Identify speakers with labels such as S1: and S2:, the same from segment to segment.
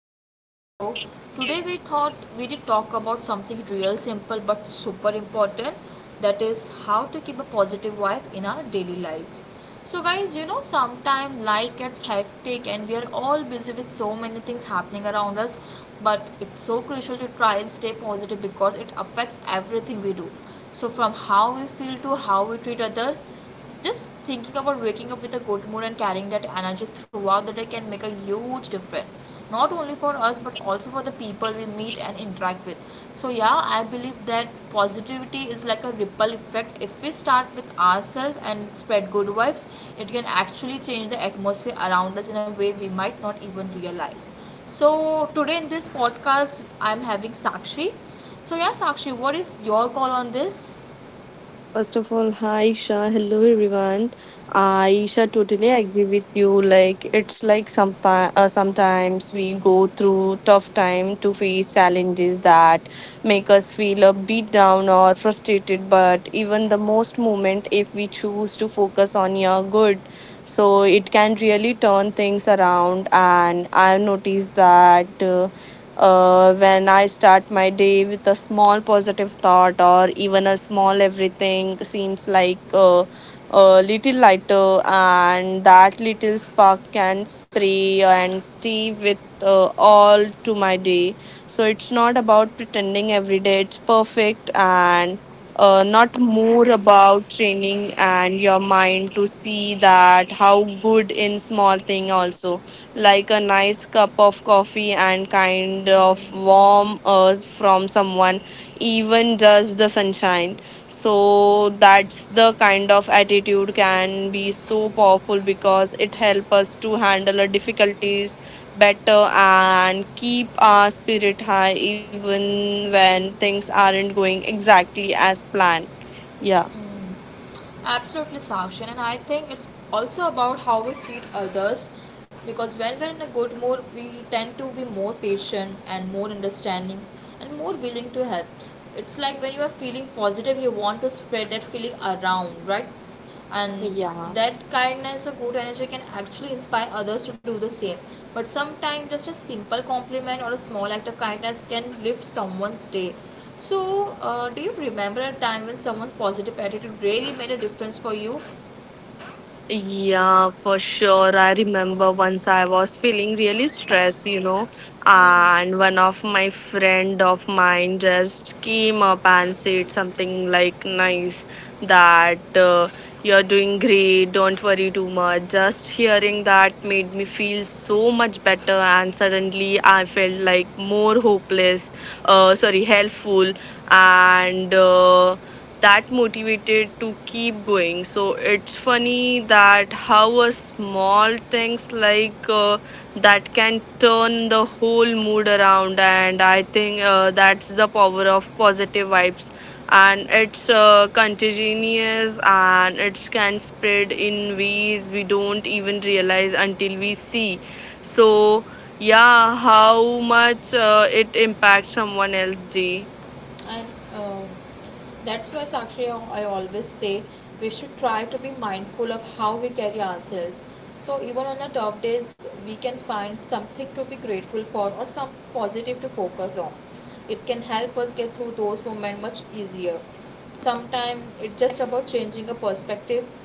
S1: podcast. So, today we thought we did talk about something real simple but super important, that is how to keep a positive vibe in our daily lives. So, guys, sometimes life gets hectic and we are all busy with so many things happening around us, but it's so crucial to try and stay positive because it affects everything we do. So, from how we feel to how we treat others, just thinking about waking up with a good mood and carrying that energy throughout the day can make a huge difference. Not only for us, but also for the people we meet and interact with. So, yeah, I believe that positivity is like a ripple effect. If we start with ourselves and spread good vibes, it can actually change the atmosphere around us in a way we might not even realize. So, today in this podcast, I'm having Sakshi. So, yeah, Sakshi, what is your call on this?
S2: First of all, hi Isha. Hello everyone. I Isha totally agree with you. Like it's like some sometimes we go through tough time to face challenges that make us feel a beat down or frustrated. But even the most moment, if we choose to focus on your good, so it can really turn things around. And I've noticed that. When I start my day with a small positive thought or even a small, everything seems like a little lighter, and that little spark can spray and stay with all to my day. So it's not about pretending every day it's perfect and not more about training and your mind to see that how good in small thing also, like a nice cup of coffee and kind of warm earth from someone, even just the sunshine. So that's the kind of attitude can be so powerful because it helps us to handle our difficulties better and keep our spirit high even when things aren't going exactly as planned. Yeah.
S1: Absolutely, Sakshin. And I think it's also about how we treat others, because when we're in a good mood, we tend to be more patient and more understanding and more willing to help. It's like when you are feeling positive, you want to spread that feeling around, right? And
S2: Yeah.
S1: that kindness or good energy can actually inspire others to do the same, but sometimes just a simple compliment or a small act of kindness can lift someone's day. So do you remember a time when someone's positive attitude really made a difference for you?
S2: Yeah, for sure. I remember once I was feeling really stressed, you know, and one of my friend of mine just came up and said something like nice, that you're doing great, don't worry too much. Just hearing that made me feel so much better, and suddenly I felt like more hopeless, sorry, helpful, and that motivated to keep going. So it's funny that how a small things like that can turn the whole mood around, and I think that's the power of positive vibes, and it's contagious and it can spread in ways we don't even realize until we see. So yeah, how much it impacts someone else's day.
S1: And um, that's why, Sakshi, I always say we should try to be mindful of how we carry ourselves. So even on the tough days we can find something to be grateful for or something positive to focus on. It can help us get through those moments much easier. Sometimes it's just about changing a perspective.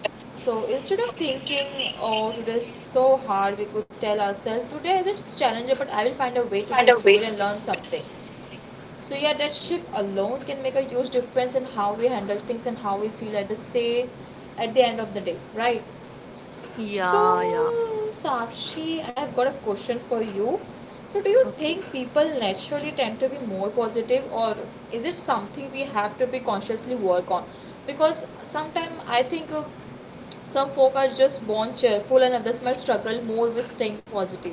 S1: So instead of thinking, oh, today is so hard, we could tell ourselves, today is, it's challenging, but I will find a way to get through it and learn something. So yeah, that shift alone can make a huge difference in how we handle things and how we feel at the say at the end of the day, right? So
S2: Yeah, yeah.
S1: Sakshi, I've got a question for you. So do you
S2: Okay.
S1: think people naturally tend to be more positive, or is it something we have to be consciously work on? Because sometimes I think some folk are just born cheerful and others might struggle more with staying positive.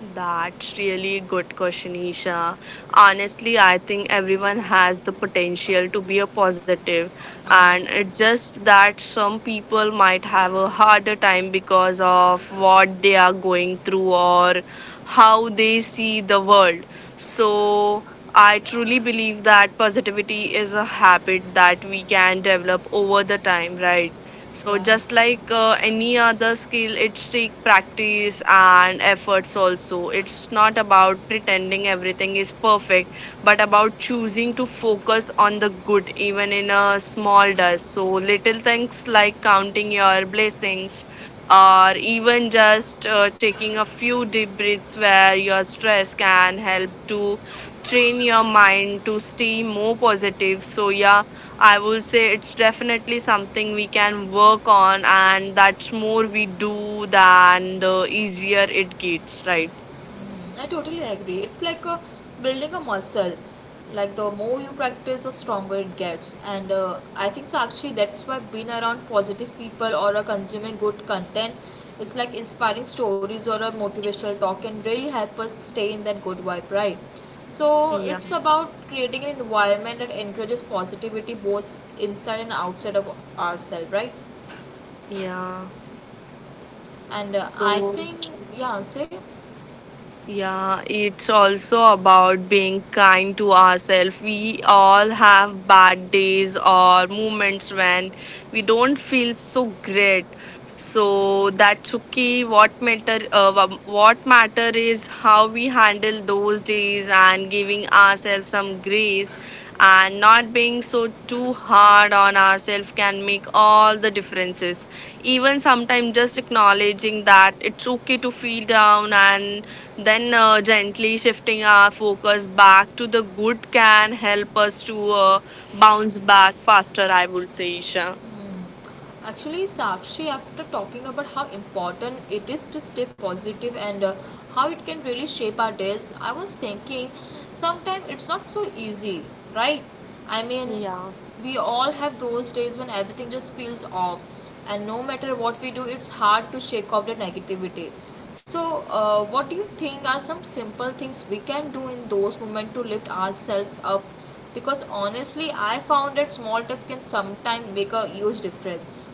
S2: That's really good question, Isha. Honestly, I think everyone has the potential to be a positive, and it's just that some people might have a harder time because of what they are going through or how they see the world. So I truly believe that positivity is a habit that we can develop over the time, right? So just
S1: Right.
S2: like any other skill, it's take practice and efforts also. It's not about pretending everything is perfect, but about choosing to focus on the good even in a small dust. So little things like counting your blessings or even just taking a few deep breaths where your stress can help to train your mind to stay more positive. So yeah, I will say it's definitely something we can work on, and that's more we do than the easier it gets, right?
S1: I totally agree. It's like building a muscle. Like the more you practice, the stronger it gets. And I think so. Actually, that's why being around positive people or consuming good content, it's like inspiring stories or a motivational talk can really help us stay in that good vibe, right? So
S2: Yeah,
S1: it's about creating an environment that encourages positivity both inside and outside of ourselves, right?
S2: yeah.
S1: And I
S2: So
S1: think, yeah, say.
S2: yeah, it's also about being kind to ourselves. We all have bad days or moments when we don't feel so great. So that's okay. What matter? What matter is how we handle those days, and giving ourselves some grace and not being so too hard on ourselves can make all the differences. Even sometimes just acknowledging that it's okay to feel down and then gently shifting our focus back to the good can help us to bounce back faster, I would say, Isha.
S1: Actually, Sakshi, after talking about how important it is to stay positive and how it can really shape our days, I was thinking, sometimes it's not so easy, right? I mean,
S2: Yeah.
S1: we all have those days when everything just feels off, and no matter what we do, it's hard to shake off the negativity. So, what do you think are some simple things we can do in those moments to lift ourselves up, because honestly I found that small tips can sometimes make a huge difference?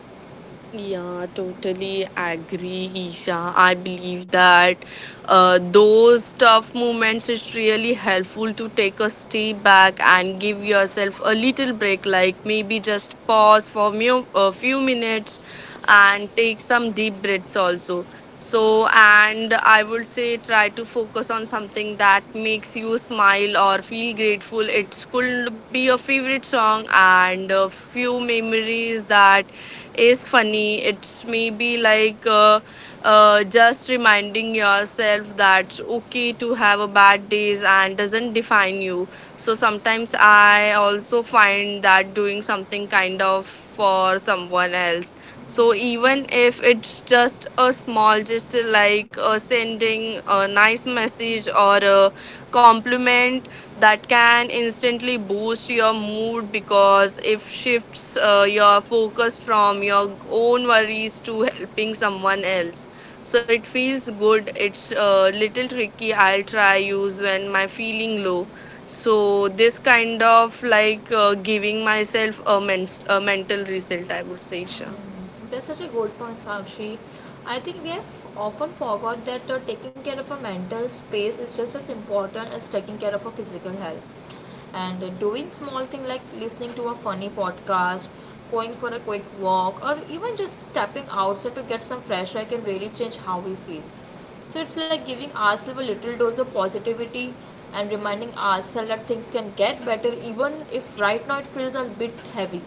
S2: Yeah, totally agree, Isha. I believe that those tough moments is really helpful to take a step back and give yourself a little break, like maybe just pause for a few minutes and take some deep breaths also. So, and I would say try to focus on something that makes you smile or feel grateful. It could be a favorite song and a few memories that is funny. It's maybe like just reminding yourself that okay to have a bad days and doesn't define you. So sometimes I also find that doing something kind of for someone else. So even if it's just a small gesture like sending a nice message or a compliment, that can instantly boost your mood because it shifts your focus from your own worries to helping someone else. So it feels good. It's a little tricky. I'll try use when my feeling low. So this kind of like giving myself a, a mental reset, I would say, Isha.
S1: That's such a good point, Sakshi. I think we have often forgot that taking care of a mental space is just as important as taking care of a physical health, and doing small thing like listening to a funny podcast, going for a quick walk, or even just stepping outside to get some fresh air can really change how we feel. So it's like giving ourselves a little dose of positivity and reminding ourselves that things can get better even if right now it feels a bit heavy.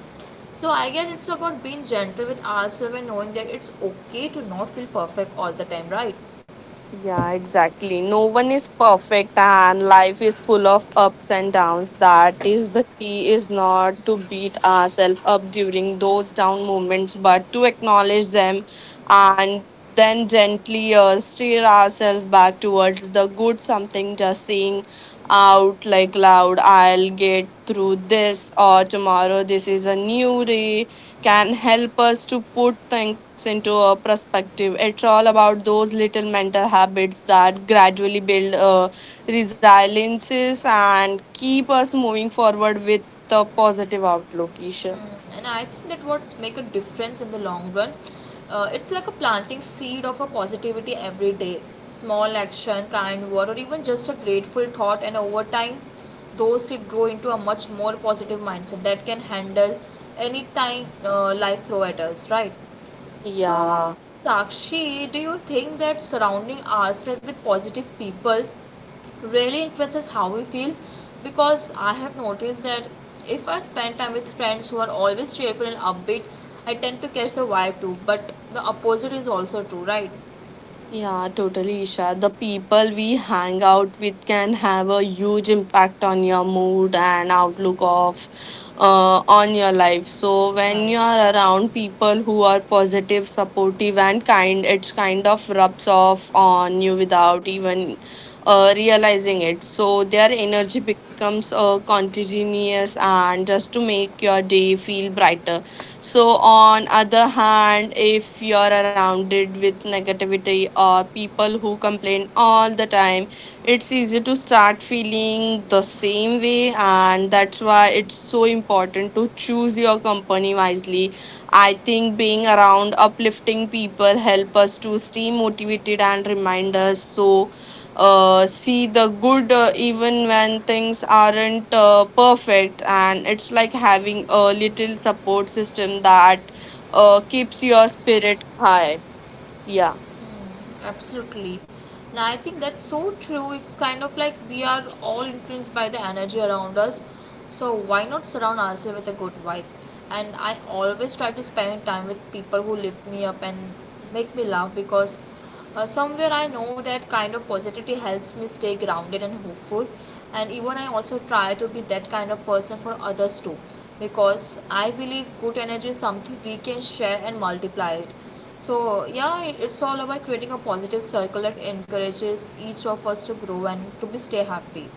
S1: So I guess it's about being gentle with ourselves and knowing that it's okay to not feel perfect all the time, right?
S2: Yeah, exactly. No one is perfect and life is full of ups and downs. That is the key is not to beat ourselves up during those down moments, but to acknowledge them and then gently steer ourselves back towards the good, something just saying out like loud, I'll get through this, or tomorrow this is a new day, can help us to put things into a perspective. It's all about those little mental habits that gradually build resiliences and keep us moving forward with a positive outlook, Isha.
S1: And I think that what's make a difference in the long run, it's like a planting seed of a positivity every day, small action, kind word, or even just a grateful thought, and over time those seed grow into a much more positive mindset that can handle any time life throw at us, right? So
S2: Yeah.
S1: Sakshi, do you think that surrounding ourselves with positive people really influences how we feel? Because I have noticed that if I spend time with friends who are always cheerful and upbeat, I tend to catch the vibe too. But the opposite is also true, right?
S2: Yeah, totally, Isha. The people we hang out with can have a huge impact on your mood and outlook of on your life. So when
S1: Right.
S2: you are around people who are positive, supportive, and kind, it's kind of rubs off on you without even realizing it. So their energy becomes contagious and just to make your day feel brighter. So on other hand, if you're surrounded with negativity or people who complain all the time, it's easy to start feeling the same way, and that's why it's so important to choose your company wisely. I think being around uplifting people help us to stay motivated and remind us so see the good even when things aren't perfect. And it's like having a little support system that keeps your spirit high. Yeah.
S1: Absolutely. And I think that's so true. It's kind of like we are all influenced by the energy around us. So why not surround ourselves with a good vibe? And I always try to spend time with people who lift me up and make me laugh because somewhere I know that kind of positivity helps me stay grounded and hopeful. And even I also try to be that kind of person for others too, because I believe good energy is something we can share and multiply it. So, yeah, it's all about creating a positive circle that encourages each of us to grow and to be stay happy.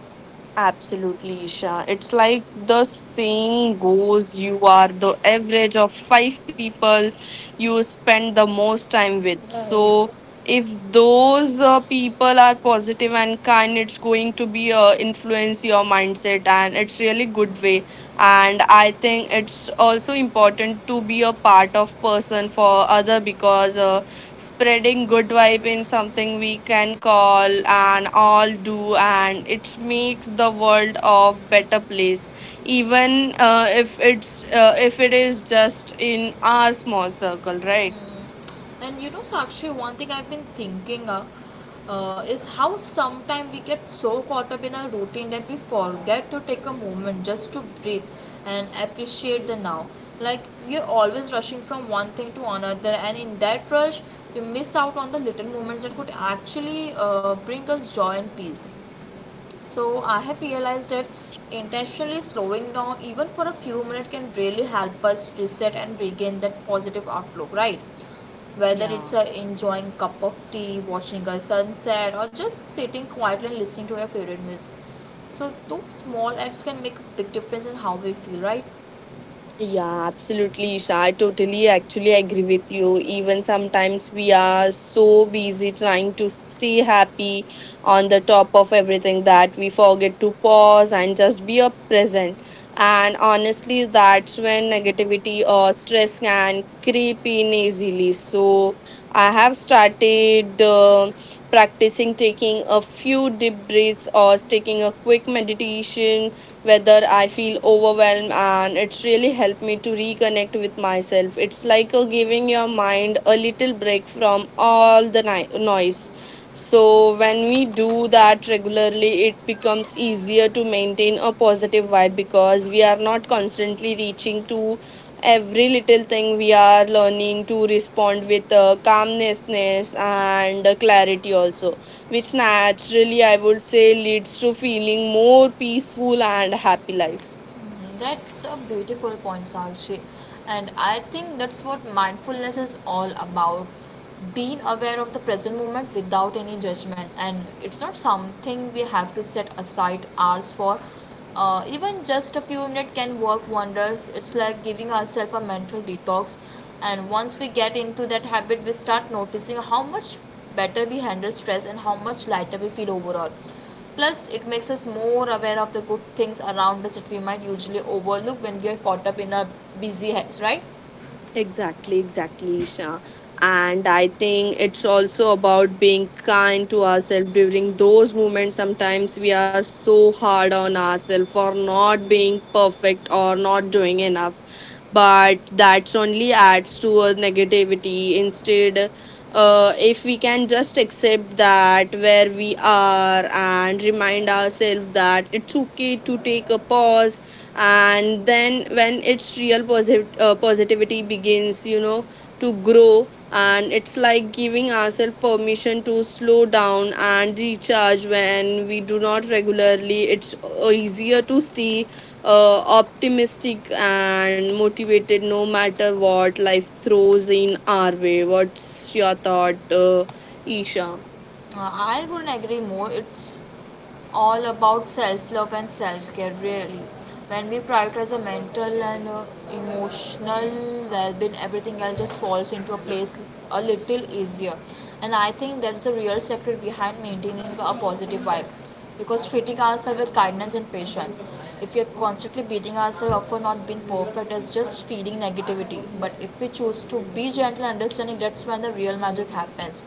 S2: Absolutely, Isha. It's like the saying goes, you are the average of five people you spend the most time with.
S1: Right.
S2: So, if those people are positive and kind, it's going to be influence your mindset, and it's really good way. And I think it's also important to be a part of person for other because spreading good vibe in something we can call and all do, and it makes the world of better place, even if it's if it is just in our small circle, right?
S1: And you know, Sakshi, one thing I've been thinking is how sometimes we get so caught up in our routine that we forget to take a moment just to breathe and appreciate the now. Like, we are always rushing from one thing to another, and in that rush, we miss out on the little moments that could actually bring us joy and peace. So I have realized that intentionally slowing down even for a few minutes can really help us reset and regain that positive outlook, right? Whether it's
S2: Yeah.
S1: a enjoying cup of tea, watching a sunset, or just sitting quietly and listening to your favorite music. So those small acts can make a big difference in how we feel, right?
S2: Yeah, absolutely, Isha. I totally actually agree with you. Even sometimes we are so busy trying to stay happy on the top of everything that we forget to pause and just be a present. And honestly, that's when negativity or stress can creep in easily. So I have started practicing taking a few deep breaths or taking a quick meditation whether I feel overwhelmed, and it's really helped me to reconnect with myself. It's like a giving your mind a little break from all the noise. So, when we do that regularly, it becomes easier to maintain a positive vibe because we are not constantly reaching to every little thing. We are learning to respond with calmness and clarity also, which naturally I would say leads to feeling more peaceful and happy life.
S1: Mm, that's a beautiful point, Sakshi. And I think that's what mindfulness is all about. Being aware of the present moment without any judgment. And it's not something we have to set aside hours for. Even just a few minutes can work wonders. It's like giving ourselves a mental detox. And once we get into that habit, we start noticing how much better we handle stress and how much lighter we feel overall. Plus, it makes us more aware of the good things around us that we might usually overlook when we are caught up in our busy heads, right?
S2: Exactly, exactly, Isha. And I think it's also about being kind to ourselves during those moments. Sometimes we are so hard on ourselves for not being perfect or not doing enough, but that's only adds to a negativity instead. If we can just accept that where we are and remind ourselves that it's okay to take a pause, and then when it's real positivity begins, you know, to grow. And it's like giving ourselves permission to slow down and recharge. When we do not regularly, it's easier to stay optimistic and motivated no matter what life throws in our way. What's your thought, Isha?
S1: I couldn't agree more. It's all about self love and self care, really. When we prioritize our mental and emotional well being, everything else just falls into a place a little easier. And I think that's the real secret behind maintaining a positive vibe, because treating ourselves with kindness and patience, if we are constantly beating ourselves up for not being perfect, it's just feeding negativity. But if we choose to be gentle and understanding, that's when the real magic happens.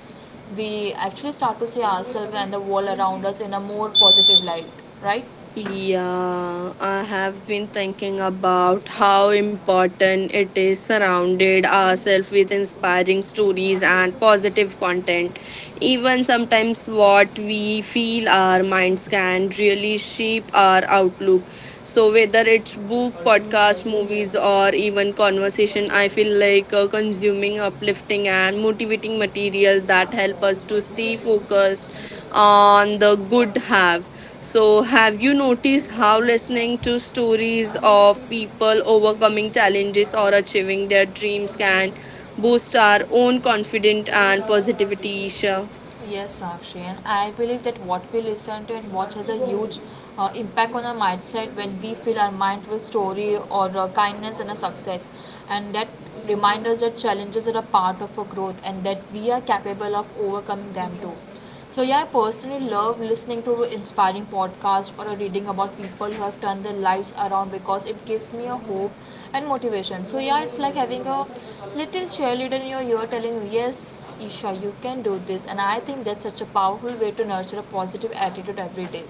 S1: We actually start to see ourselves and the world around us in a more positive light, right?
S2: Yeah, I have been thinking about how important it is surrounded ourselves with inspiring stories and positive content. Even sometimes what we feel our minds can really shape our outlook. So whether it's book, podcast, movies or even conversation, I feel like consuming uplifting and motivating material that help us to stay focused on the good have. So, have you noticed how listening to stories of people overcoming challenges or achieving their dreams can boost our own confidence and positivity, Isha?
S1: Yes, Sakshi, and I believe that what we listen to and watch has a huge impact on our mindset. When we fill our mind with story or kindness and a success, and that reminds us that challenges are a part of our growth and that we are capable of overcoming them too. So, yeah, I personally love listening to inspiring podcasts or reading about people who have turned their lives around because it gives me a hope and motivation. So, yeah, it's like having a little cheerleader in your ear telling you, yes, Isha, you can do this. And I think that's such a powerful way to nurture a positive attitude every day.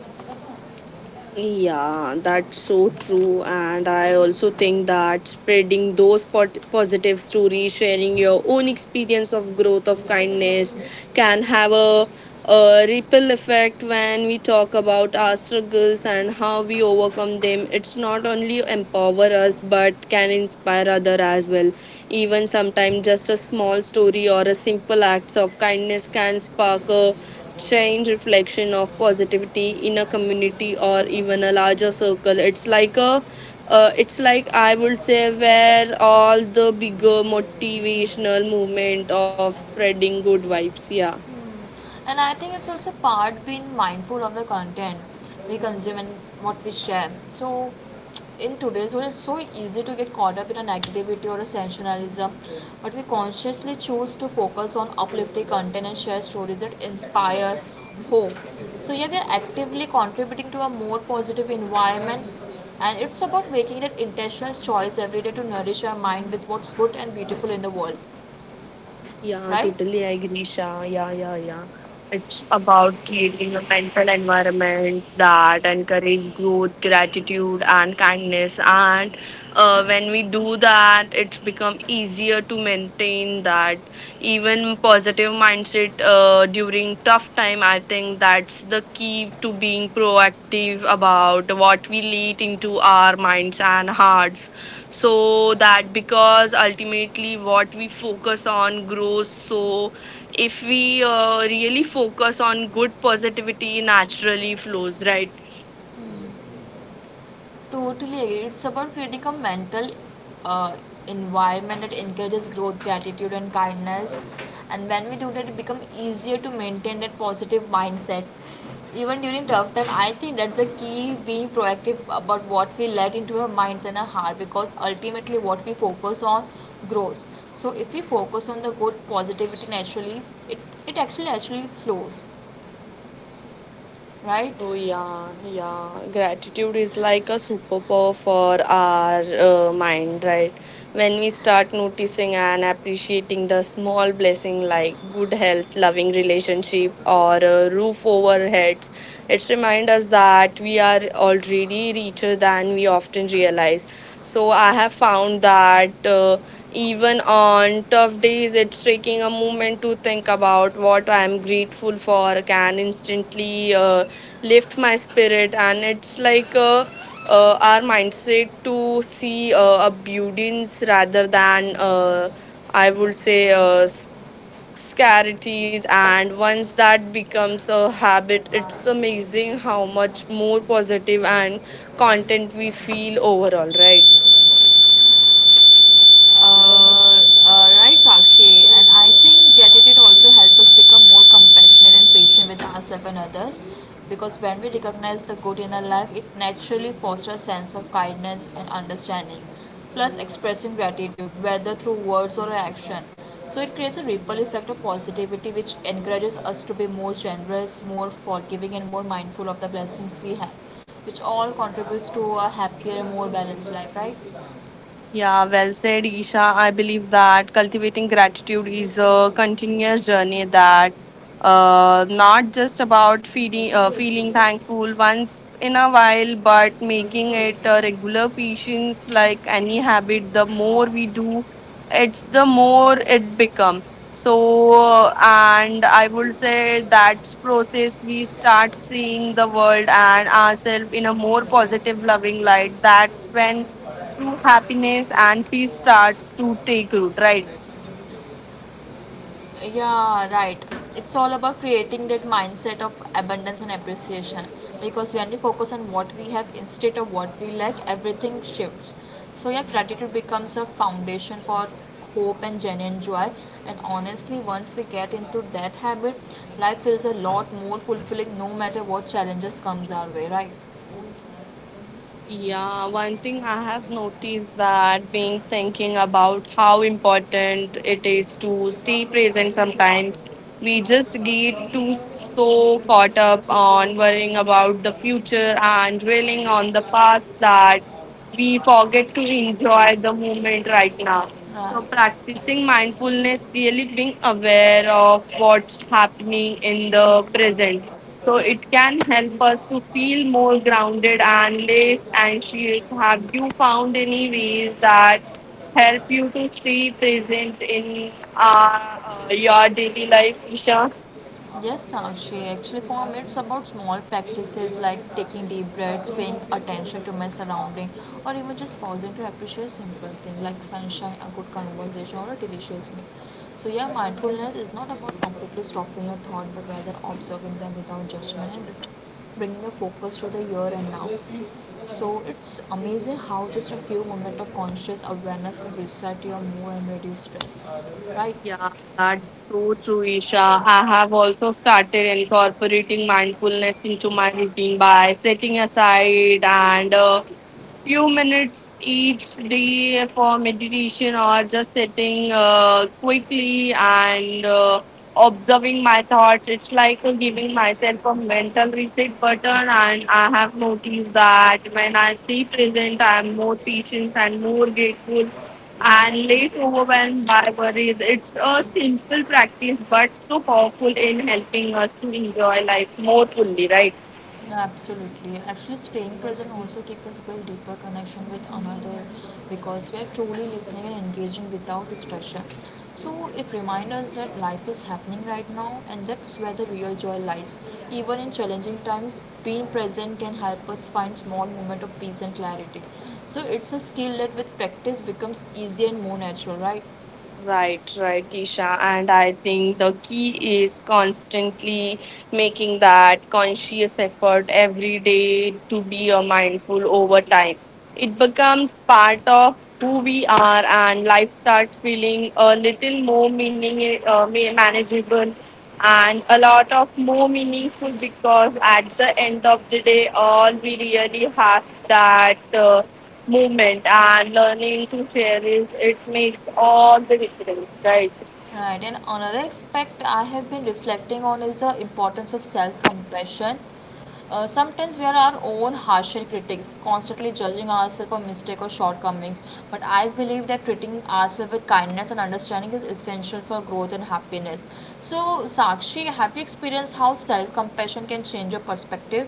S2: Yeah, that's so true. And I also think that spreading those positive stories, sharing your own experience of growth, of kindness, can have a ripple effect. When we talk about our struggles and how we overcome them, it's not only empower us, but can inspire other as well. Even sometimes just a small story or a simple acts of kindness can spark a change, reflection of positivity in a community or even a larger circle. It's like a, it's like I would say where all the bigger motivational movement of spreading good vibes. Yeah.
S1: Hmm. And I think it's also part being mindful of the content we consume and what we share. So, in today's world, it's so easy to get caught up in a negativity or a sensationalism, but we consciously choose to focus on uplifting content and share stories that inspire hope. So, yeah, we are actively contributing to a more positive environment, and it's about making that intentional choice every day to nourish our mind with what's good and beautiful in the world,
S2: Yeah,
S1: right?
S2: totally agree, Shah. Yeah, yeah, yeah. It's about creating a mental environment that encourage growth, gratitude, and kindness. And when we do that, it's become easier to maintain that even positive mindset during tough time. I think that's the key to being proactive about what we let into our minds and hearts so that because ultimately what we focus on grows, so if we really focus on good, positivity naturally flows, right?
S1: Totally agree. It's about creating a mental uh, environment that encourages growth, gratitude, and kindness. And when we do that, it becomes easier to maintain that positive mindset. Even during tough time, I think that's the key being proactive about what we let into our minds and our heart, because ultimately what we focus on grows. So if we focus on the good positivity naturally, it, it actually flows, right?
S2: So yeah, yeah, gratitude is like a superpower for our mind, right? When we start noticing and appreciating the small blessing like good health, loving relationship, or a roof over heads, it reminds us that we are already richer than we often realize. So I have found that even on tough days, it's taking a moment to think about what I am grateful for can instantly. Lift my spirit, and it's like our mindset to see a beauties rather than I would say scarcity. And once that becomes a habit, it's amazing how much more positive and content we feel overall, right?
S1: Right, Sakshi, and I think gratitude also helps us become more compassionate and patient with ourselves and others because when we recognize the good in our life, it naturally fosters a sense of kindness and understanding, plus expressing gratitude, whether through words or action. So it creates a ripple effect of positivity which encourages us to be more generous, more forgiving, and more mindful of the blessings we have, which all contributes to a happier and more balanced life, right?
S2: Yeah, well said, Isha. I believe that cultivating gratitude is a continuous journey that not just about feeding feeling thankful once in a while, but making it a regular patience. Like any habit, the more we do it's the more it become. So and I would say that's process we start seeing the world and ourselves in a more positive loving light. That's when true happiness and peace starts to take root, right?
S1: Yeah, right. It's all about creating that mindset of abundance and appreciation. Because when we focus on what we have instead of what we lack, everything shifts. So, yeah, gratitude becomes a foundation for hope and genuine joy. And honestly, once we get into that habit, life feels a lot more fulfilling no matter what challenges comes our way, right?
S2: Yeah, one thing I have noticed that being thinking about how important it is to stay present sometimes. We just get too so caught up on worrying about the future and dwelling on the past that we forget to enjoy the moment right now. So
S1: Right.
S2: practicing mindfulness, really being aware of what's happening in the present, so it can help us to feel more grounded and less anxious. Have you found any ways that help you to stay present in your daily life, Isha?
S1: Yes, Sakshi. Actually, for me, it's about small practices like taking deep breaths, paying attention to my surrounding, or even just pausing to appreciate simple things like sunshine, a good conversation, or a delicious meal. So, yeah, mindfulness is not about completely stopping your thought, but rather observing them without judgment and bringing a focus to the here and now. So, it's amazing how just a few moments of conscious awareness can reset your mood and reduce stress, right?
S2: Yeah, that's so true, Isha. I have also started incorporating mindfulness into my routine by setting aside and a few minutes each day for meditation or just sitting quickly and observing my thoughts. It's like giving myself a mental reset button, and I have noticed that when I stay present, I'm more patient and more grateful and less overwhelmed by worries. It's a simple practice but so powerful in helping us to enjoy life more fully, right?
S1: Absolutely. Actually, staying present also keeps us build deeper connection with another because we are truly listening and engaging without distraction. So it reminds us that life is happening right now, and that's where the real joy lies. Even in challenging times, being present can help us find small moment of peace and clarity. So it's a skill that with practice becomes easier and more natural, right?
S2: Right, right, Isha. And I think the key is constantly making that conscious effort every day to be a mindful over time. It becomes part of who we are, and life starts feeling a little more meaning, manageable, and a lot of more meaningful, because at the end of the day, all we really have that. Movement and learning to share is it makes all the difference, right?
S1: Right, and another aspect I have been reflecting on is the importance of self compassion. Sometimes we are our own harsher critics, constantly judging ourselves for mistakes or shortcomings. But I believe that treating ourselves with kindness and understanding is essential for growth and happiness. So, Sakshi, have you experienced how self compassion can change your perspective?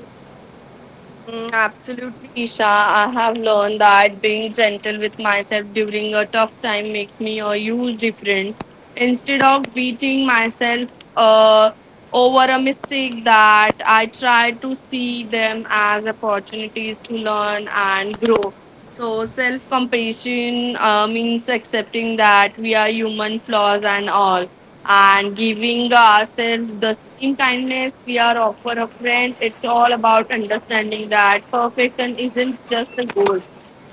S2: Mm, absolutely, Isha. I have learned that being gentle with myself during a tough time makes me a huge difference. Instead of beating myself uh, over a mistake, that I try to see them as opportunities to learn and grow. So, self compassion means accepting that we are human, flaws and all, and giving ourselves the same kindness we are offer a friend. It's all about understanding that perfection isn't just a goal.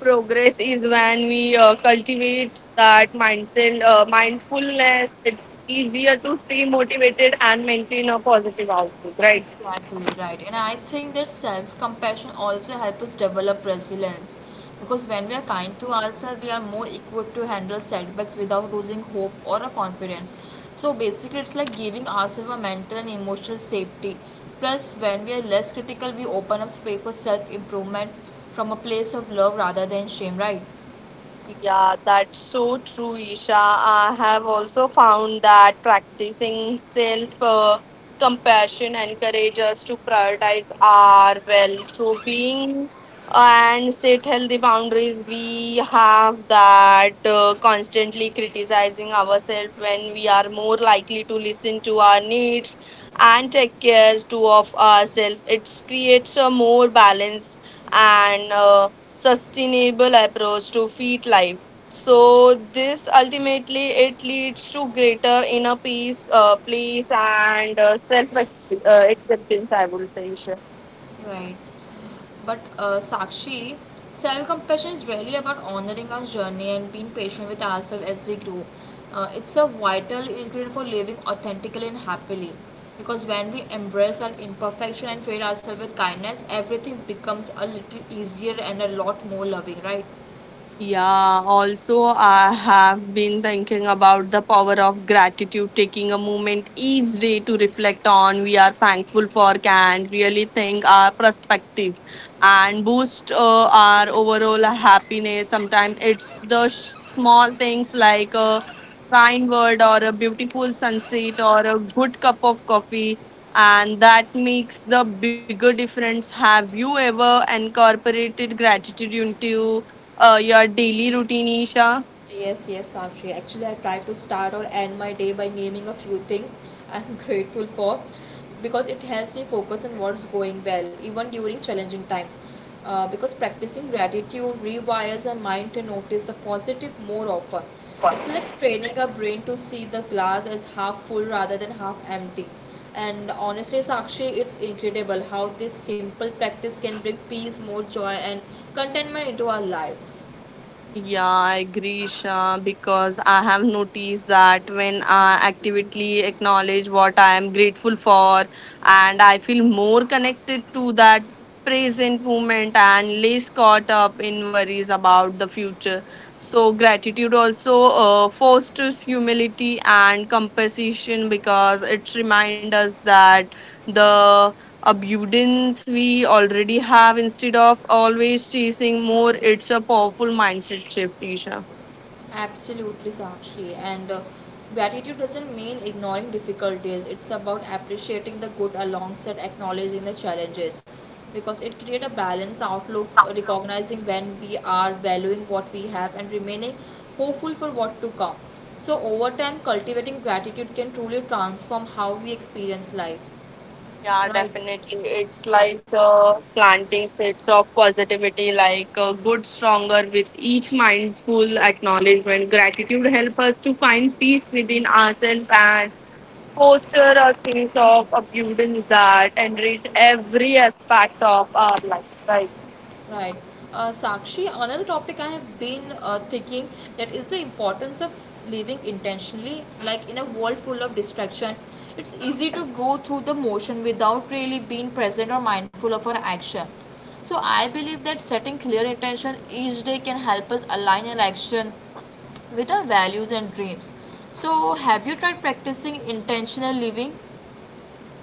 S2: Progress is when we cultivate that mindset, mindfulness. It's easier to stay motivated and maintain a positive outlook, right?
S1: Exactly right. And I think that self compassion also helps us develop resilience because when we are kind to ourselves, we are more equipped to handle setbacks without losing hope or a confidence. So basically, it's like giving ourselves a mental and emotional safety. Plus, when we are less critical, we open up space for self improvement from a place of love rather than shame, right?
S2: Yeah, that's so true, Isha. I have also found that practicing self compassion encourages us to prioritize our well. So, being and set healthy boundaries, we have that constantly criticizing ourselves when we are more likely to listen to our needs and take care to of ourselves. It creates a more balance and sustainable approach to feed life. So this ultimately it leads to greater inner peace, peace and self acceptance, I would say.
S1: Right. But Sakshi, self compassion is really about honoring our journey and being patient with ourselves as we grow. It's a vital ingredient for living authentically and happily. Because when we embrace our imperfection and treat ourselves with kindness, everything becomes a little easier and a lot more loving, right?
S2: Yeah, also, I have been thinking about the power of gratitude. Taking a moment each day to reflect on we are thankful for can really think our perspective and boost our overall happiness. Sometimes it's the small things like a kind word or a beautiful sunset or a good cup of coffee, and that makes the bigger difference. Have you ever incorporated gratitude into your daily routine, Isha?
S1: Yes, yes, Sakshi. Actually, I try to start or end my day by naming a few things I'm grateful for because it helps me focus on what's going well, even during challenging time. Because practicing gratitude rewires our mind to notice the positive more often. It's like training our brain to see the glass as half full rather than half empty. And honestly, Sakshi, it's incredible how this simple practice can bring peace, more joy, and contentment into our lives.
S2: Yeah, I agree, Isha, because I have noticed that when I actively acknowledge what I am grateful for, and I feel more connected to that present moment and less caught up in worries about the future. So, gratitude also fosters humility and compassion because it reminds us that the abundance we already have instead of always chasing more. It's a powerful mindset shift, Isha.
S1: Absolutely, Sakshi. And gratitude doesn't mean ignoring difficulties. It's about appreciating the good alongside acknowledging the challenges, because it creates a balanced outlook, recognizing when we are valuing what we have and remaining hopeful for what to come. So over time, cultivating gratitude can truly transform how we experience life.
S2: Yeah,
S1: Right.
S2: definitely. It's like planting seeds of positivity, like good, stronger with each mindful acknowledgement. Gratitude help us to find peace within ourselves and foster a sense of abundance that enrich every aspect of our life. Right.
S1: Right. Sakshi, another topic I have been thinking that is the importance of living intentionally. Like in a world full of distraction, it's easy to go through the motion without really being present or mindful of our action. So I believe that setting clear intention each day can help us align our action with our values and dreams. So have you tried practicing intentional living?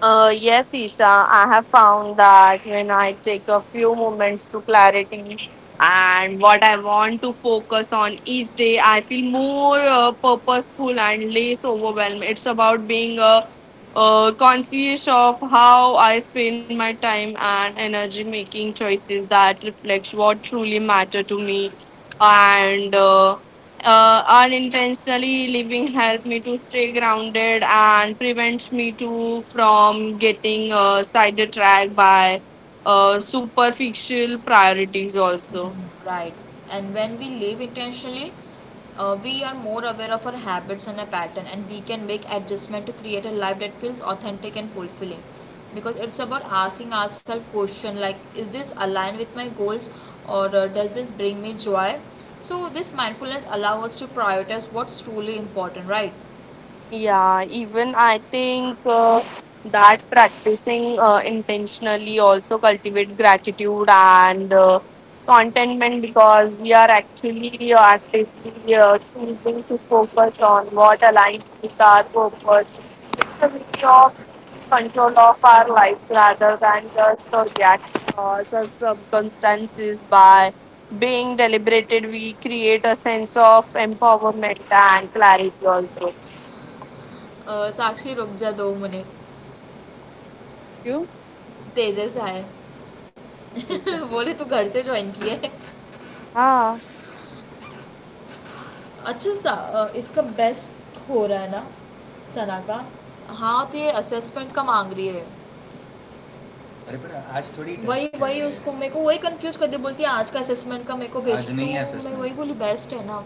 S2: Yes, Isha, I have found that when I take a few moments to clarity and what I want to focus on each day, I feel more purposeful and less overwhelmed. It's about being conscious of how I spend my time and energy, making choices that reflect what truly matter to me, and unintentionally living help me to stay grounded and prevents me to from getting sidetracked by superficial priorities also.
S1: Right. And when we live intentionally, we are more aware of our habits and a pattern, and we can make adjustment to create a life that feels authentic and fulfilling. Because it's about asking ourselves question like, is this aligned with my goals, or does this bring me joy? So this mindfulness allows us to prioritize what's truly important, right?
S2: Yeah, even I think that practicing intentionally also cultivate gratitude and contentment because we are actually actively choosing to focus on what aligns with our purpose. It's a way of taking control of our life rather than just react to circumstances. By being deliberated, we create a sense of empowerment and clarity also.
S1: साक्षी रुक जा दो minute
S2: You?
S1: तेजस आए
S2: ठीक है।
S1: बोले तू घर से ज्वाइन किया है
S2: हाँ,
S1: अच्छा सा अ, इसका बेस्ट हो रहा है ना सना का। हाँ तो ये असेसमेंट का मांग रही है। Retest वही के वही लिए। उसको मेरे को वही कंफ्यूज कर दी बोलती है आज का असेसमेंट का मेरे को भेज आज दो नहीं है मैं assessment। वही बोली बेस्ट है ना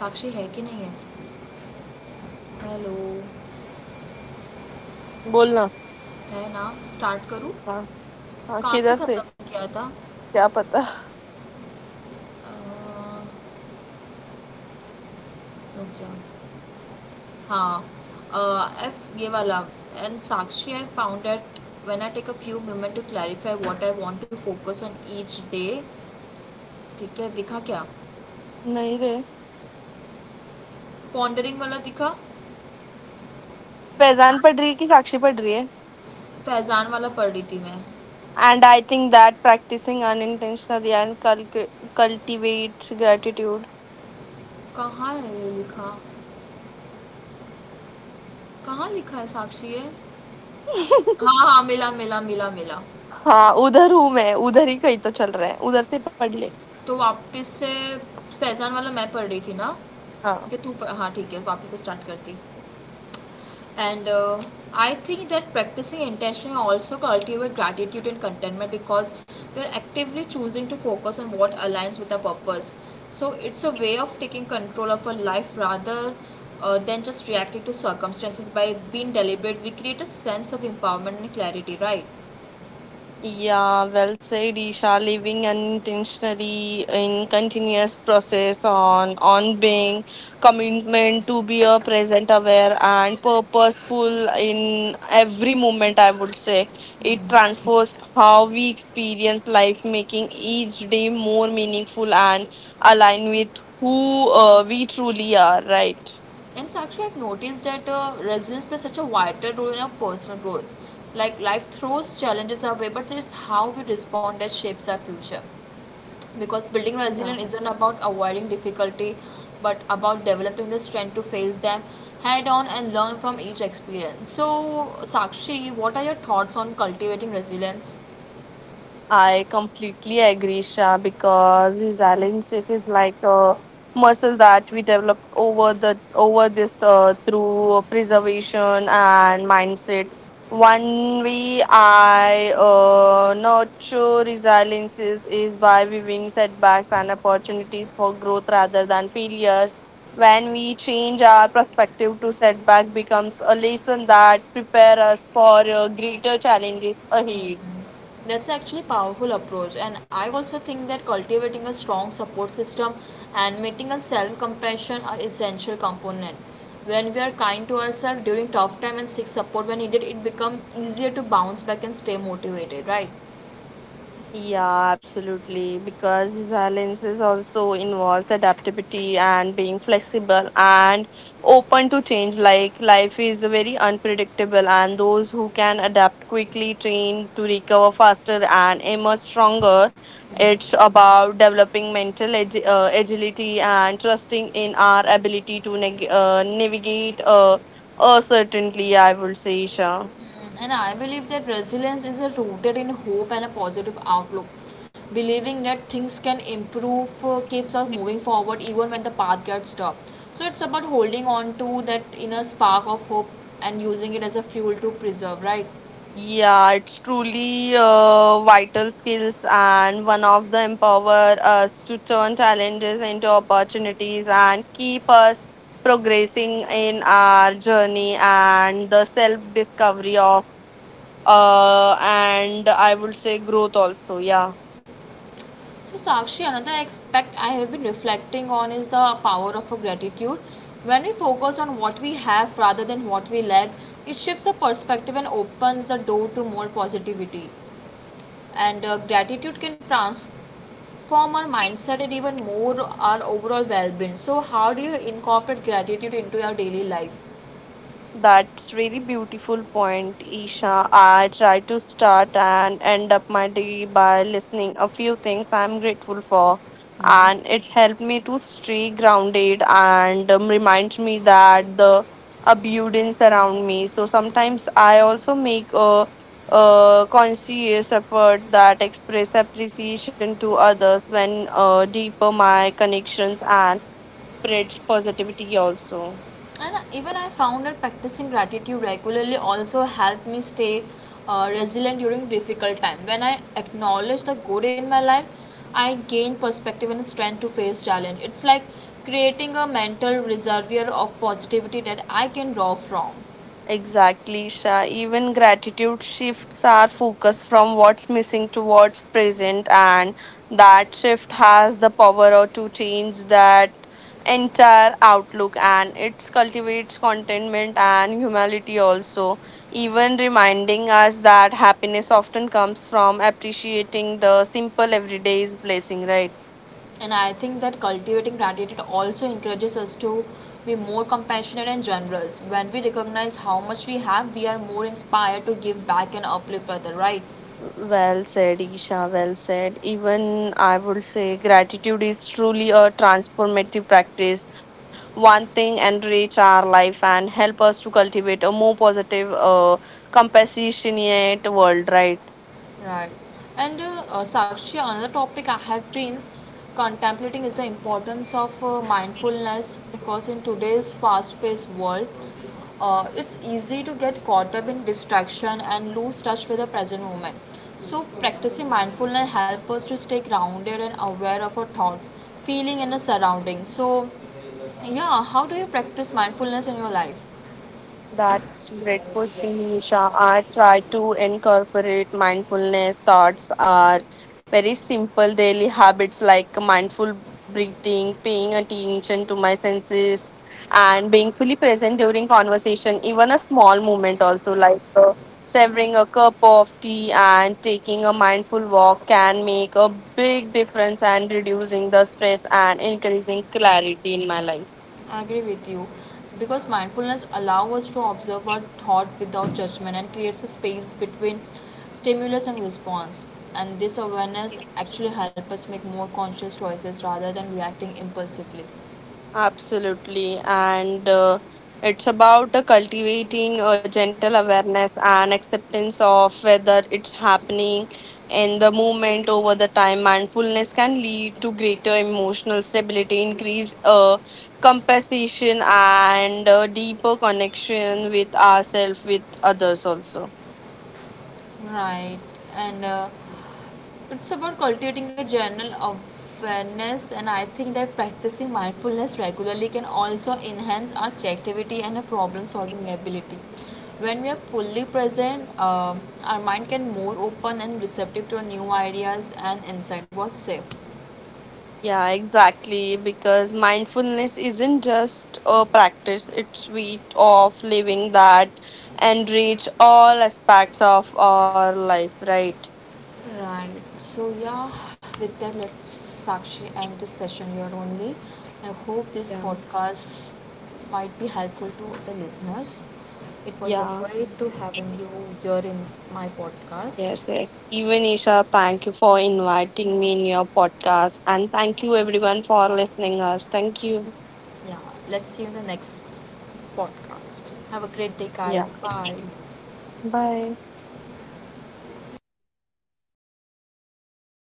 S1: साक्षी है कि नहीं है हेलो
S2: बोलना।
S1: है ना स्टार्ट करूँ
S2: हाँ, हाँ,
S1: कहाँ से
S2: किधर से?
S1: ख़त्म किया था।
S2: क्या पता?
S1: अ, रुक जा हाँ एफ ये वाला and Sakshi I found at when I take a few moment to clarify what I want to focus on each day. ठीक है दिखा क्या
S2: नहीं रे,
S1: पॉन्डरिंग वाला दिखा।
S2: फैज़ान
S1: आज
S2: पढ़ रही है कि साक्षी पढ़ रही है?
S1: फैजान वाला पढ़ रही थी मैं।
S2: And I think that practising unintentionally and कल्क कल्टिवेट्स ग्रैटिट्यूड
S1: कहाँ है ये लिखा कहाँ लिखा है साक्षी ये। हाँ हाँ मिला.
S2: हाँ, उधर हूँ मैं, उधर ही कहीं तो चल रहा है, उधर से पढ़ ले।
S1: तो वापस से फैजान वाला मैं पढ़ रही थी ना
S2: हाँ।
S1: कि तू पढ़- हाँ ठीक है वापस से स्टार्ट करती। And I think that practicing intention also cultivate gratitude and contentment because you're actively choosing to focus on what aligns with the purpose. So it's a way of taking control of our life rather than just reacting to circumstances by being deliberate we create a sense of empowerment and clarity, right?
S2: Yeah, well said, Isha. Living unintentionally in continuous process on being commitment to be a present aware and purposeful in every moment, I would say. It transforms how we experience life, making each day more meaningful and align with who we truly are, right?
S1: And so actually I've noticed that resilience plays such a vital role in our personal growth. Like life throws challenges our way, but it's how we respond that shapes our future, because building
S2: Yeah.
S1: resilience isn't about avoiding difficulty but about developing the strength to face them head on and learn from each experience. So Sakshi, what are your thoughts on cultivating resilience?
S2: I completely agree, Shah, because resilience is like a muscle that we develop over this through preservation and mindset. One way I nurture resilience is by viewing setbacks and opportunities for growth rather than failures. When we change our perspective to setback becomes a lesson that prepare us for greater challenges ahead.
S1: That's actually a powerful approach, and I also think that cultivating a strong support system and maintaining a self-compassion are essential component. When we are kind to ourselves during tough time and seek support when needed, it becomes easier to bounce back and stay motivated, right?
S2: Yeah, absolutely. Because resilience is also involves adaptability and being flexible and open to change. Like life is very unpredictable, and those who can adapt quickly train to recover faster and emerge stronger. It's about developing mental agility and trusting in our ability to navigate uncertainty, I would say, Isha.
S1: And I believe that resilience is rooted in hope and a positive outlook. Believing that things can improve keeps us moving forward even when the path gets tough. So it's about holding on to that inner spark of hope and using it as a fuel to preserve, right?
S2: Yeah, it's truly vital skills and one of the empower us to turn challenges into opportunities and keep us progressing in our journey and the self discovery of and I would say growth also. Yeah.
S1: So, Sakshi, another aspect I have been reflecting on is the power of a gratitude. When we focus on what we have rather than what we lack, it shifts our perspective and opens the door to more positivity. And gratitude can trans- form our mindset and even more our overall well-being. So how do you incorporate gratitude into your daily life?
S2: That's really beautiful point, Isha. I try to start and end up my day by listening a few things I'm grateful for, and it helped me to stay grounded and reminds me that the abundance around me. So sometimes I also make a conscious effort that express appreciation to others when deeper my connections and spreads positivity also.
S1: And even I found that practicing gratitude regularly also helped me stay resilient during difficult times. When I acknowledge the good in my life, I gain perspective and strength to face challenge. It's like creating a mental reservoir of positivity that I can draw from.
S2: Exactly, Isha. Even gratitude shifts our focus from what's missing towards present, and that shift has the power or to change that entire outlook, and it cultivates contentment and humility also, even reminding us that happiness often comes from appreciating the simple everyday's blessing, right?
S1: And I think that cultivating gratitude also encourages us to be more compassionate and generous. When we recognize how much we have, we are more inspired to give back and uplift others, right?
S2: Well said, Isha. Well said. Even I would say gratitude is truly a transformative practice. One thing enrich our life and help us to cultivate a more positive, compassionate world, right?
S1: Right. And Sakshi, another topic I have been contemplating is the importance of mindfulness because in today's fast paced world, it's easy to get caught up in distraction and lose touch with the present moment. So, practicing mindfulness helps us to stay grounded and aware of our thoughts, feeling, and the surroundings. So, yeah, how do you practice mindfulness in your life?
S2: That's great question, Nisha. I try to incorporate mindfulness thoughts are very simple daily habits like mindful breathing, paying attention to my senses, and being fully present during conversation, even a small moment also, like savoring a cup of tea and taking a mindful walk can make a big difference and reducing the stress and increasing clarity in my life.
S1: I agree with you because mindfulness allows us to observe our thought without judgment and creates a space between stimulus and response. And this awareness actually helps us make more conscious choices rather than reacting impulsively.
S2: Absolutely. And it's about cultivating a gentle awareness and acceptance of whether it's happening in the moment over the time. Mindfulness can lead to greater emotional stability, increase compassion, and deeper connection with ourselves, with others also.
S1: Right, and it's about cultivating a general awareness, and I think that practicing mindfulness regularly can also enhance our creativity and our problem solving ability. When we are fully present, our mind can more open and receptive to new ideas and insight. What's say?
S2: Yeah, exactly. Because mindfulness isn't just a practice, it's sweet of living that enrich all aspects of our life, right?
S1: Right. So yeah, with that, let's Sakshi end this session here only. I hope this
S2: Yeah.
S1: podcast might be helpful to the listeners. It was a
S2: Yeah.
S1: great to having you here in my podcast.
S2: Yes, yes. Even Isha, thank you for inviting me in your podcast. And thank you everyone for listening us. Thank you.
S1: Yeah, let's see you in the next podcast. Have a great day,
S2: Yeah.
S1: guys. Bye.
S2: Bye.